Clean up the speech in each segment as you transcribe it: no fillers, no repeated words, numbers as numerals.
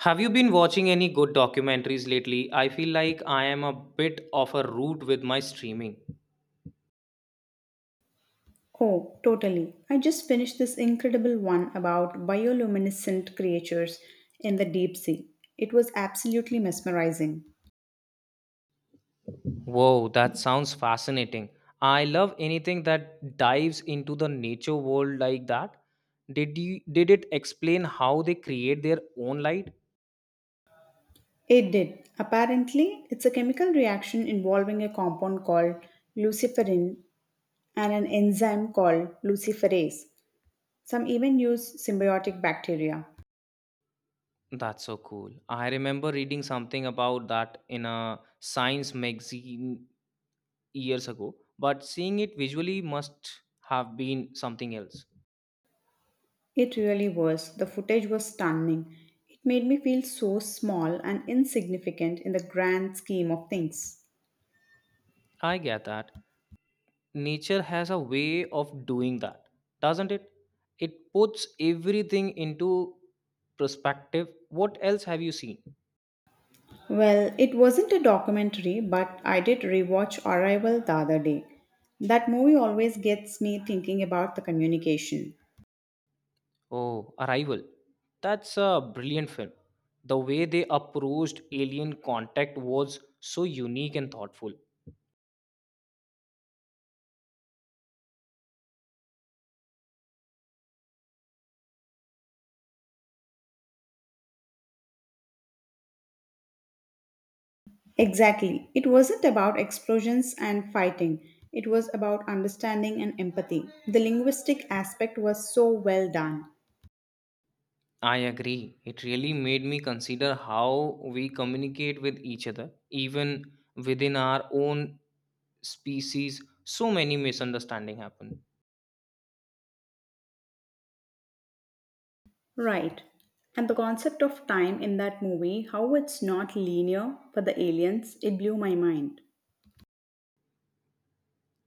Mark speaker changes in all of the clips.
Speaker 1: Have you been watching any good documentaries lately? I feel like I am a bit of a root with my streaming.
Speaker 2: Oh, totally. I just finished this incredible one about bioluminescent creatures in the deep sea. It was absolutely mesmerizing.
Speaker 1: Whoa, that sounds fascinating. I love anything that dives into the nature world like that. Did it explain how they create their own light?
Speaker 2: It did. Apparently, it's a chemical reaction involving a compound called luciferin and an enzyme called luciferase. Some even use symbiotic bacteria.
Speaker 1: That's so cool. I remember reading something about that in a science magazine years ago, but seeing it visually must have been something else.
Speaker 2: It really was. The footage was stunning. It made me feel so small and insignificant in the grand scheme of things.
Speaker 1: I get that. Nature has a way of doing that, doesn't it? It puts everything into perspective. What else have you seen?
Speaker 2: Well, it wasn't a documentary, but I did rewatch Arrival the other day. That movie always gets me thinking about the communication.
Speaker 1: Oh, Arrival, that's a brilliant film. The way they approached alien contact was so unique and thoughtful.
Speaker 2: Exactly. It wasn't about explosions and fighting, it was about understanding and empathy. The linguistic aspect was so well done.
Speaker 1: I agree, it really made me consider how we communicate with each other even within our own species. So many misunderstandings happen.
Speaker 2: Right. And the concept of time in that movie, how it's not linear for the aliens, it blew my mind.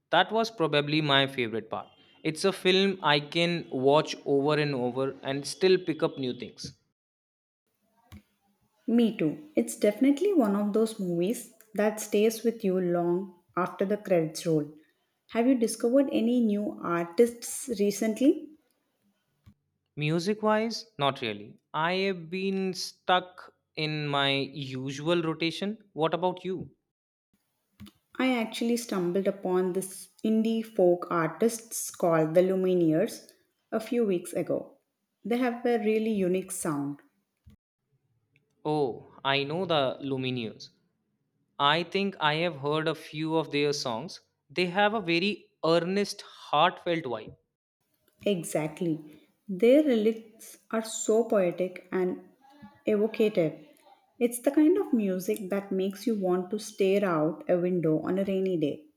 Speaker 1: That was probably my favorite part. It's a film I can watch over and over and still pick up new things.
Speaker 2: Me too. It's definitely one of those movies that stays with you long after the credits roll. Have you discovered any new artists recently?
Speaker 1: Music wise, not really. I have been stuck in my usual rotation. What about you?
Speaker 2: I actually stumbled upon this indie folk artists called the Lumineers a few weeks ago. They have a really unique sound.
Speaker 1: Oh, I know the Lumineers. I think I have heard a few of their songs. They have a very earnest, heartfelt vibe.
Speaker 2: Exactly. Their lyrics are so poetic and evocative. It's the kind of music that makes you want to stare out a window on a rainy day.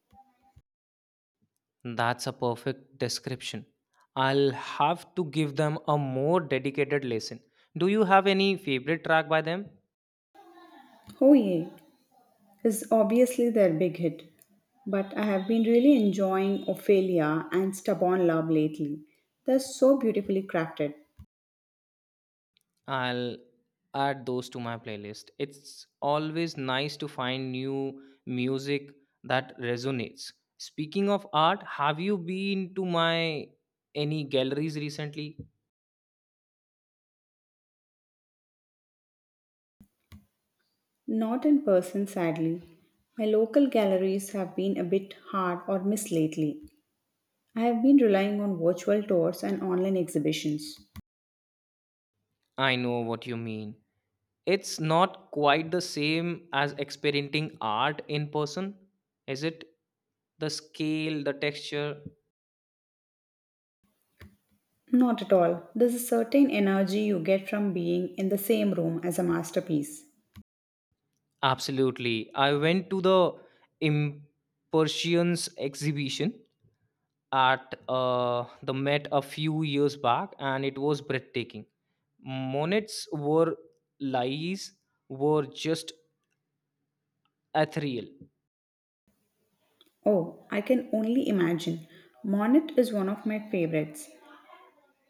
Speaker 1: That's a perfect description. I'll have to give them a more dedicated lesson. Do you have any favorite track by them?
Speaker 2: Oh yeah, is obviously their big hit. But I have been really enjoying Ophelia and Stubborn Love lately. They're so beautifully crafted.
Speaker 1: I'll add those to my playlist. It's always nice to find new music that resonates. Speaking of art, have you been to my any galleries recently?
Speaker 2: Not in person, sadly. My local galleries have been a bit hard or miss lately. I have been relying on virtual tours and online exhibitions.
Speaker 1: I know what you mean. It's not quite the same as experiencing art in person, is it? The scale, the texture.
Speaker 2: Not at all. There's a certain energy you get from being in the same room as a masterpiece.
Speaker 1: Absolutely. I went to the Impressions exhibition at the Met a few years back and it was breathtaking. Monet's were lies were just ethereal.
Speaker 2: Oh, I can only imagine. Monet is one of my favorites.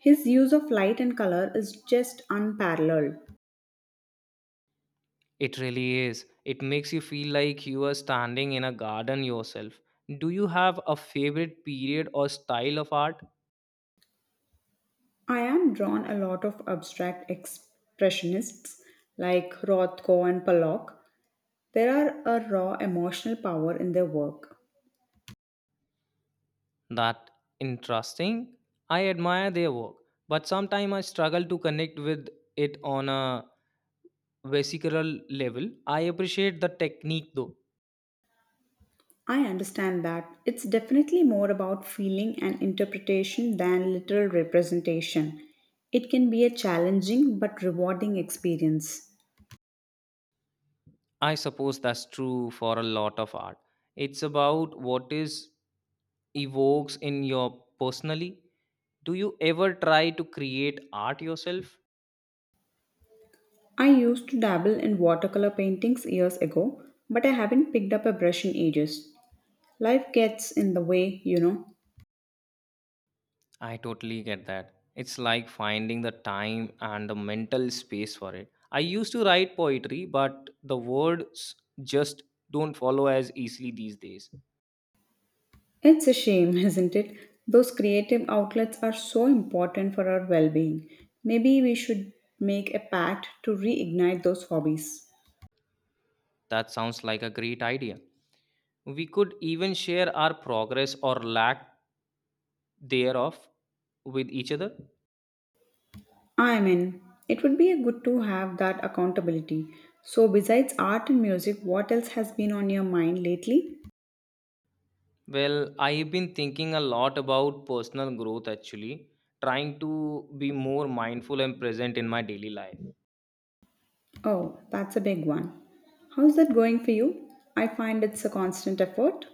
Speaker 2: His use of light and color is just unparalleled.
Speaker 1: It really is. It makes you feel like you are standing in a garden yourself. Do you have a favorite period or style of art?
Speaker 2: I am drawn a lot of abstract expressionists like Rothko and Pollock. There are a raw emotional power in their work.
Speaker 1: That interesting? I admire their work, but sometimes I struggle to connect with it on a vesicular level. I appreciate the technique though.
Speaker 2: I understand that it's definitely more about feeling and interpretation than literal representation. It can be a challenging but rewarding experience.
Speaker 1: I suppose that's true for a lot of art. It's about what is evokes in your personally. Do you ever try to create art yourself?
Speaker 2: I used to dabble in watercolor paintings years ago, but I haven't picked up a brush in ages. Life gets in the way, you know.
Speaker 1: I totally get that. It's like finding the time and the mental space for it. I used to write poetry, but the words just don't follow as easily these days.
Speaker 2: It's a shame, isn't it? Those creative outlets are so important for our well being. Maybe we should make a pact to reignite those hobbies.
Speaker 1: That sounds like a great idea. We could even share our progress or lack thereof with each other.
Speaker 2: I mean, it would be good to have that accountability. So, besides art and music, what else has been on your mind lately?
Speaker 1: Well, I've been thinking a lot about personal growth actually, trying to be more mindful and present in my daily life.
Speaker 2: Oh, that's a big one. How's that going for you? I find it's a constant effort.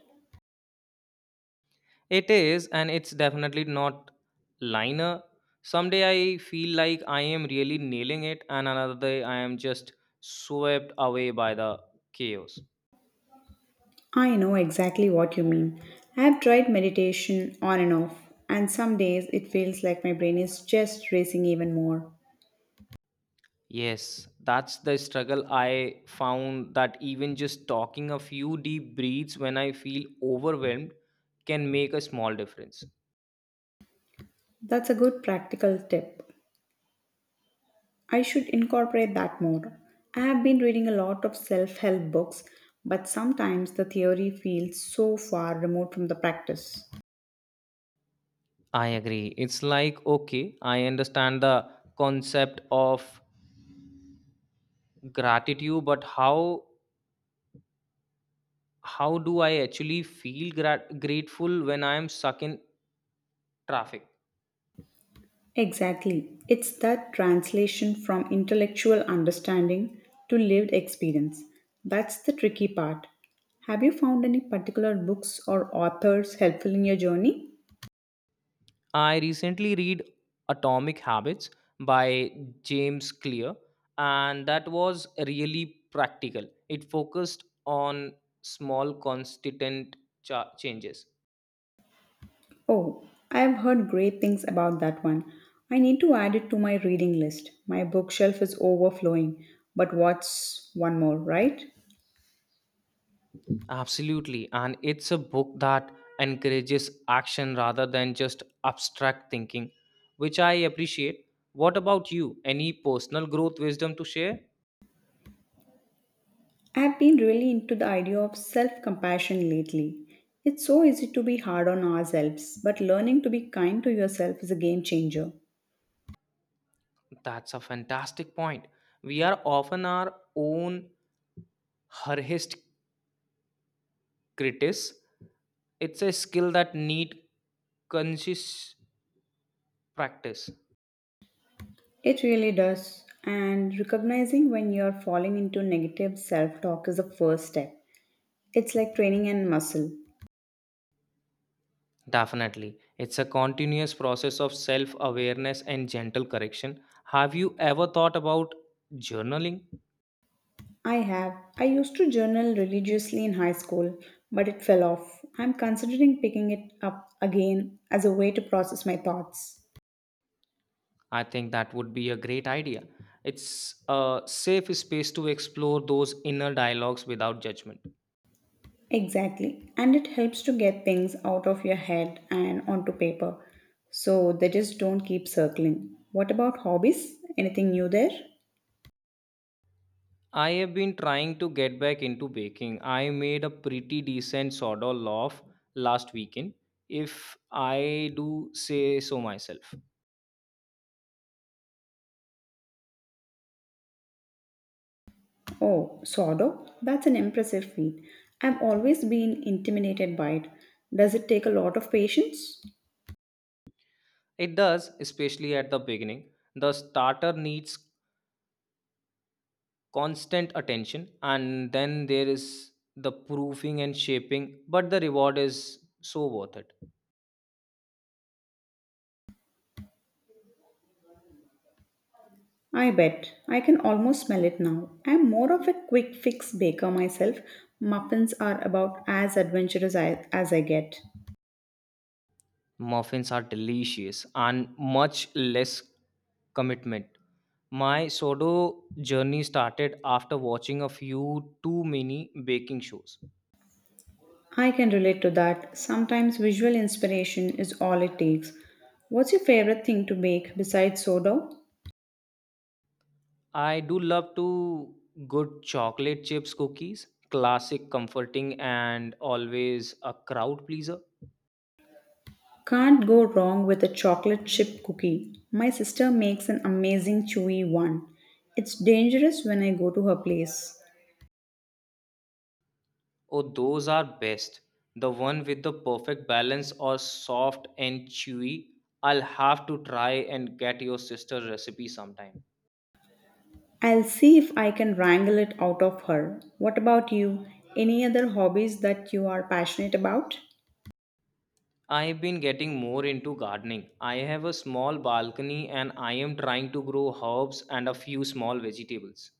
Speaker 1: It is, and it's definitely not liner. Someday I feel like I am really nailing it, and another day I am just swept away by the chaos.
Speaker 2: I know exactly what you mean. I've tried meditation on and off, and some days it feels like my brain is just racing even more.
Speaker 1: Yes, that's the struggle. I found that even just talking a few deep breaths when I feel overwhelmed can make a small difference.
Speaker 2: That's a good practical tip. I should incorporate that more. I have been reading a lot of self help books, but sometimes the theory feels so far removed from the practice.
Speaker 1: I agree. It's like, okay, I understand the concept of gratitude, but how do I actually feel grateful when I am stuck in traffic?
Speaker 2: Exactly. It's that translation from intellectual understanding to lived experience. That's the tricky part. Have you found any particular books or authors helpful in your journey?
Speaker 1: I recently read Atomic Habits by James Clear, and that was really practical. It focused on small, constant changes.
Speaker 2: Oh, I have heard great things about that one. I need to add it to my reading list. My bookshelf is overflowing. But what's one more, right?
Speaker 1: Absolutely. And it's a book that encourages action rather than just abstract thinking, which I appreciate. What about you? Any personal growth wisdom to share?
Speaker 2: I've been really into the idea of self compassion lately. It's so easy to be hard on ourselves, but learning to be kind to yourself is a game changer.
Speaker 1: That's a fantastic point. We are often our own hardest critics. It's a skill that need conscious practice.
Speaker 2: It really does. And recognizing when you're falling into negative self talk is the first step. It's like training a muscle.
Speaker 1: Definitely. It's a continuous process of self-awareness and gentle correction. Have you ever thought about journaling?
Speaker 2: I have. I used to journal religiously in high school, but it fell off. I'm considering picking it up again as a way to process my thoughts.
Speaker 1: I think that would be a great idea. It's a safe space to explore those inner dialogues without judgment.
Speaker 2: Exactly. And it helps to get things out of your head and onto paper so they just don't keep circling. What about hobbies? Anything new there?
Speaker 1: I have been trying to get back into baking. I made a pretty decent sourdough loaf last weekend, if I do say so myself.
Speaker 2: Oh, sourdough? That's an impressive feat. I've always been intimidated by it. Does it take a lot of patience?
Speaker 1: It does, especially at the beginning. The starter needs constant attention, and then there is the proofing and shaping, but the reward is so worth it.
Speaker 2: I bet. I can almost smell it now. I'm more of a quick fix baker myself. Muffins are about as adventurous as I get.
Speaker 1: Muffins are delicious and much less commitment. My sourdough journey started after watching a few too many baking shows.
Speaker 2: I can relate to that. Sometimes visual inspiration is all it takes. What's your favorite thing to bake besides sourdough?
Speaker 1: I do love to good chocolate chips cookies, classic, comforting, and always a crowd pleaser.
Speaker 2: Can't go wrong with a chocolate chip cookie. My sister makes an amazing chewy one. It's dangerous when I go to her place.
Speaker 1: Oh, those are best. The one with the perfect balance or soft and chewy. I'll have to try and get your sister's recipe sometime.
Speaker 2: I'll see if I can wrangle it out of her. What about you? Any other hobbies that you are passionate about?
Speaker 1: I've been getting more into gardening. I have a small balcony and I am trying to grow herbs and a few small vegetables.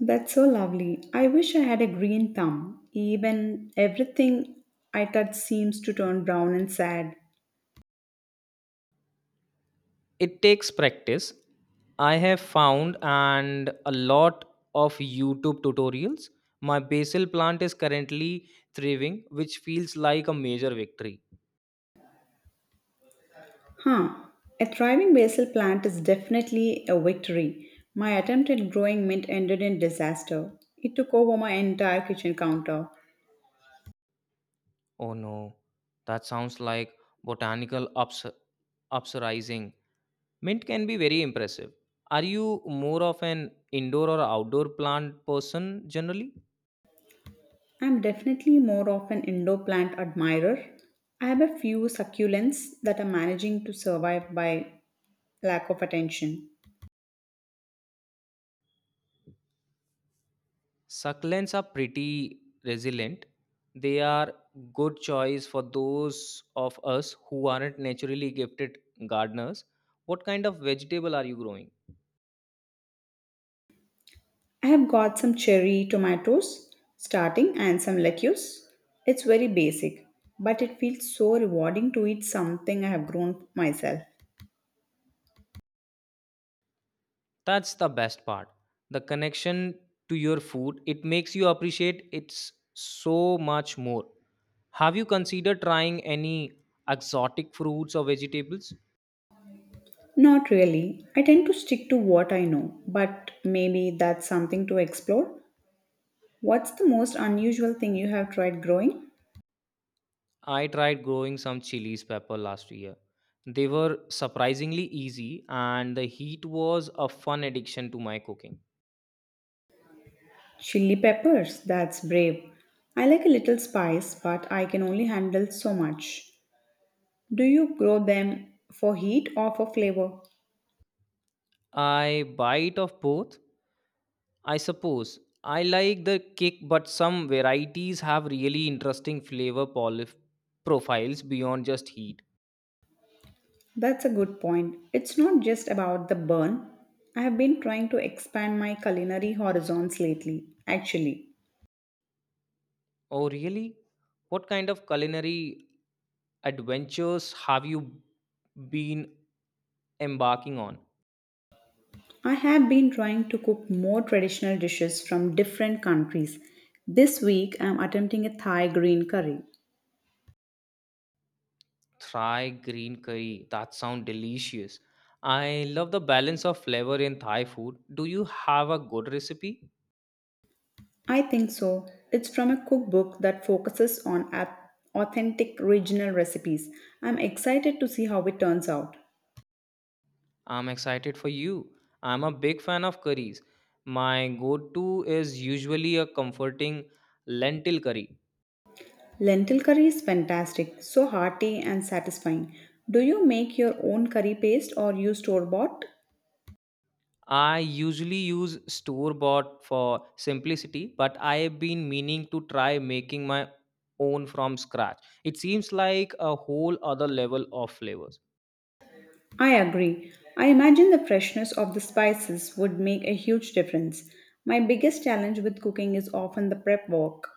Speaker 2: That's so lovely. I wish I had a green thumb. Even everything I touch seems to turn brown and sad.
Speaker 1: It takes practice, I have found, and a lot of YouTube tutorials. My basil plant is currently thriving, which feels like a major victory.
Speaker 2: Huh. A thriving basil plant is definitely a victory. My attempt at growing mint ended in disaster. It took over my entire kitchen counter.
Speaker 1: Oh no, that sounds like botanical uprising. Mint can be very impressive. Are you more of an indoor or outdoor plant person generally?
Speaker 2: I'm definitely more of an indoor plant admirer. I have a few succulents that are managing to survive by lack of attention.
Speaker 1: Succulents are pretty resilient. They are good choice for those of us who aren't naturally gifted gardeners. What kind of vegetable are you growing?
Speaker 2: I have got some cherry tomatoes starting and some lettuce. It's very basic, but it feels so rewarding to eat something I have grown myself.
Speaker 1: That's the best part. The connection to your food, it makes you appreciate it so much more. Have you considered trying any exotic fruits or vegetables?
Speaker 2: Not really. I tend to stick to what I know, but maybe that's something to explore. What's the most unusual thing you have tried growing?
Speaker 1: I tried growing some chilies pepper last year. They were surprisingly easy and the heat was a fun addiction to my cooking.
Speaker 2: Chili peppers. That's brave. I like a little spice, but I can only handle so much. Do you grow them for heat or for flavor?
Speaker 1: I bite of both, I suppose. I like the kick but some varieties have really interesting flavor profiles beyond just heat.
Speaker 2: That's a good point. It's not just about the burn. I have been trying to expand my culinary horizons lately, actually.
Speaker 1: Oh really? What kind of culinary adventures have you been embarking on?
Speaker 2: I have been trying to cook more traditional dishes from different countries. This week, I'm attempting a Thai green curry.
Speaker 1: Thai green curry. That sounds delicious. I love the balance of flavor in Thai food. Do you have a good recipe?
Speaker 2: I think so. It's from a cookbook that focuses on authentic regional recipes. I'm excited to see how it turns out.
Speaker 1: I'm excited for you. I'm a big fan of curries. My go to is usually a comforting lentil curry.
Speaker 2: Lentil curry is fantastic, so hearty and satisfying. Do you make your own curry paste or use store bought?
Speaker 1: I usually use store bought for simplicity, but I have been meaning to try making my own from scratch. It seems like a whole other level of flavors.
Speaker 2: I agree. I imagine the freshness of the spices would make a huge difference. My biggest challenge with cooking is often the prep work.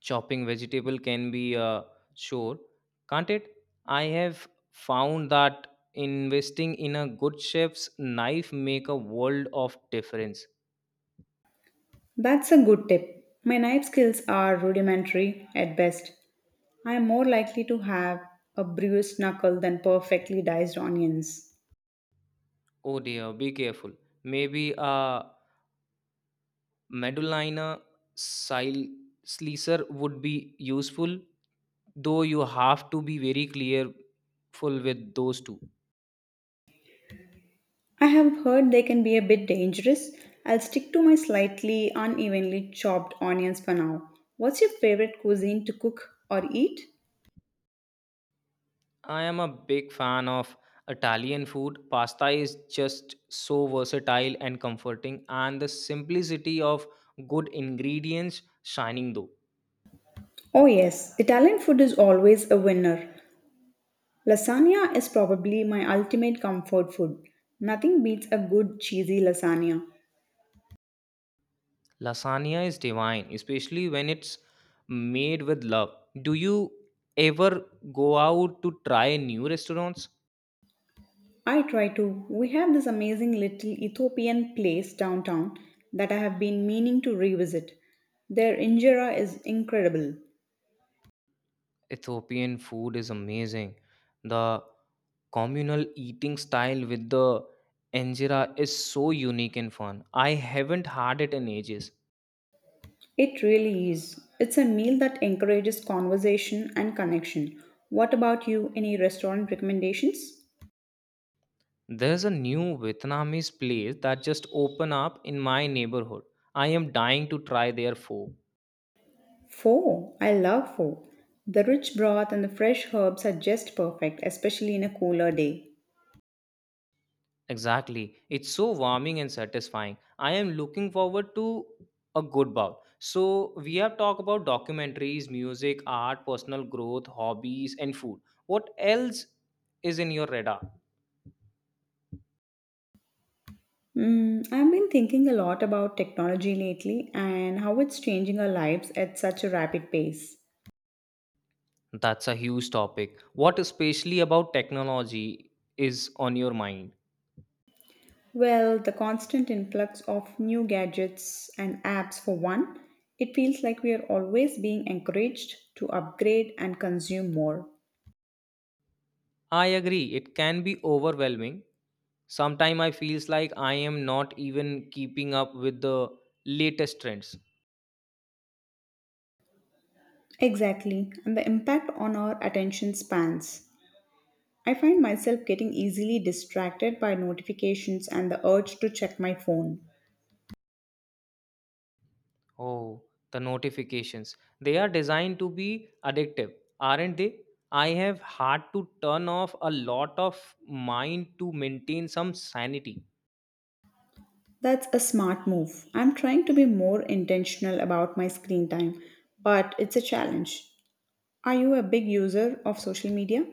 Speaker 1: Chopping vegetable can be a chore, can't it? I have found that investing in a good chef's knife make a world of difference.
Speaker 2: That's a good tip. My knife skills are rudimentary at best. I am more likely to have a bruised knuckle than perfectly diced onions.
Speaker 1: Oh dear, be careful. Maybe a medulina sil- slicer would be useful, though you have to be very clearful with those two.
Speaker 2: I have heard they can be a bit dangerous. I'll stick to my slightly unevenly chopped onions for now. What's your favorite cuisine to cook or eat?
Speaker 1: I am a big fan of Italian food. Pasta is just so versatile and comforting, and the simplicity of good ingredients shining though.
Speaker 2: Oh, yes, Italian food is always a winner. Lasagna is probably my ultimate comfort food. Nothing beats a good cheesy lasagna.
Speaker 1: Lasagna is divine, especially when it's made with love. Do you ever go out to try new restaurants?
Speaker 2: I try to. We have this amazing little Ethiopian place downtown that I have been meaning to revisit. Their injera is incredible.
Speaker 1: Ethiopian food is amazing. The communal eating style with the injera is so unique and fun. I haven't had it in ages.
Speaker 2: It really is. It's a meal that encourages conversation and connection. What about you? Any restaurant recommendations?
Speaker 1: There's a new Vietnamese place that just opened up in my neighborhood. I am dying to try their pho.
Speaker 2: Pho. I love pho. The rich broth and the fresh herbs are just perfect, especially in a cooler day.
Speaker 1: Exactly. It's so warming and satisfying. I am looking forward to a good bout. So we have talked about documentaries, music, art, personal growth, hobbies, and food. What else is in your radar?
Speaker 2: I've been thinking a lot about technology lately and how it's changing our lives at such a rapid pace.
Speaker 1: That's a huge topic. What especially about technology is on your mind?
Speaker 2: Well, the constant influx of new gadgets and apps, for one, it feels like we are always being encouraged to upgrade and consume more.
Speaker 1: I agree, it can be overwhelming. Sometimes I feels like I am not even keeping up with the latest trends.
Speaker 2: Exactly, and the impact on our attention spans. I find myself getting easily distracted by notifications and the urge to check my phone.
Speaker 1: Oh, the notifications. They are designed to be addictive, aren't they? I have had to turn off a lot of mine to maintain some sanity.
Speaker 2: That's a smart move. I'm trying to be more intentional about my screen time, but it's a challenge. Are you a big user of social media?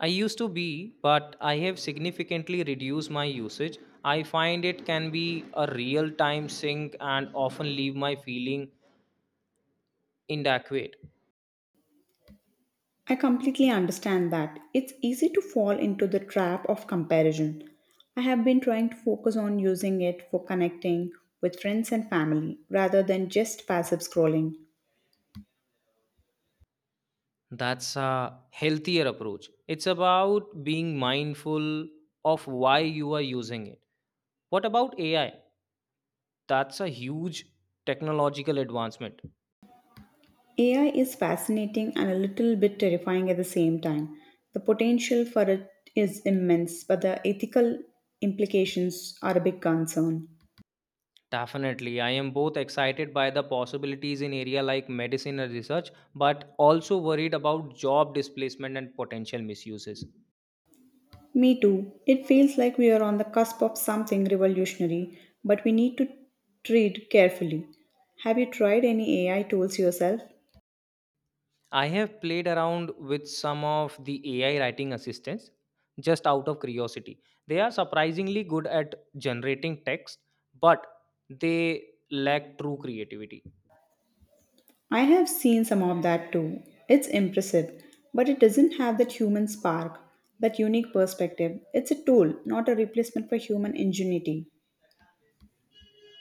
Speaker 1: I used to be, but I have significantly reduced my usage. I find it can be a real time sink and often leave my feeling inadequate.
Speaker 2: I completely understand that. It's easy to fall into the trap of comparison. I have been trying to focus on using it for connecting with friends and family rather than just passive scrolling.
Speaker 1: That's a healthier approach. It's about being mindful of why you are using it. What about AI? That's a huge technological advancement.
Speaker 2: AI is fascinating and a little bit terrifying at the same time. The potential for it is immense, but the ethical implications are a big concern.
Speaker 1: Definitely. I am both excited by the possibilities in area like medicine and research, but also worried about job displacement and potential misuses.
Speaker 2: Me too. It feels like we are on the cusp of something revolutionary, but we need to tread carefully. Have you tried any AI tools yourself?
Speaker 1: I have played around with some of the AI writing assistants just out of curiosity. They are surprisingly good at generating text, but they lack true creativity.
Speaker 2: I have seen some of that too. It's impressive, but it doesn't have that human spark, that unique perspective. It's a tool, not a replacement for human ingenuity.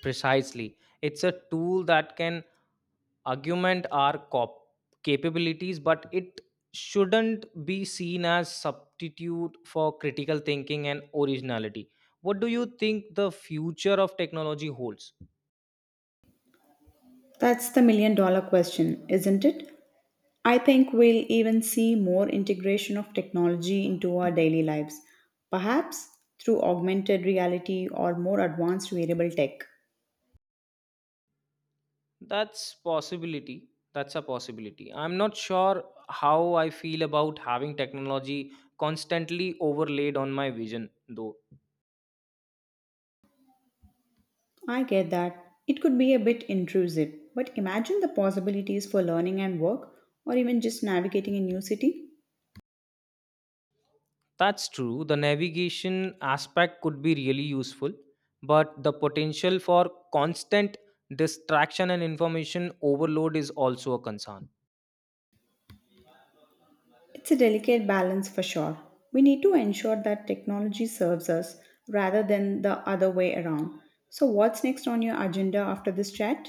Speaker 1: Precisely. It's a tool that can augment our capabilities, but it shouldn't be seen as substitute for critical thinking and originality. What do you think the future of technology holds?
Speaker 2: That's the million dollar question, isn't it? I think we'll even see more integration of technology into our daily lives, perhaps through augmented reality or more advanced wearable tech.
Speaker 1: That's possibility. That's a possibility. I'm not sure how I feel about having technology constantly overlaid on my vision, though.
Speaker 2: I get that it could be a bit intrusive, but imagine the possibilities for learning and work, or even just navigating a new city.
Speaker 1: That's true. The navigation aspect could be really useful, but the potential for constant distraction and information overload is also a concern.
Speaker 2: It's a delicate balance for sure. We need to ensure that technology serves us rather than the other way around. So, what's next on your agenda after this chat?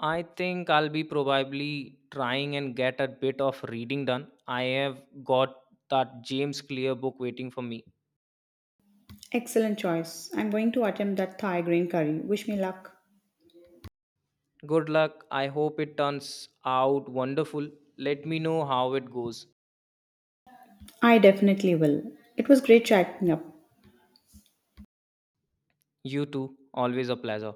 Speaker 1: I think I'll be probably trying and get a bit of reading done. I have got that James Clear book waiting for me.
Speaker 2: Excellent choice. I'm going to attempt that Thai green curry. Wish me luck.
Speaker 1: Good luck. I hope it turns out wonderful. Let me know how it goes.
Speaker 2: I definitely will. It was great chatting up.
Speaker 1: You too. Always a pleasure.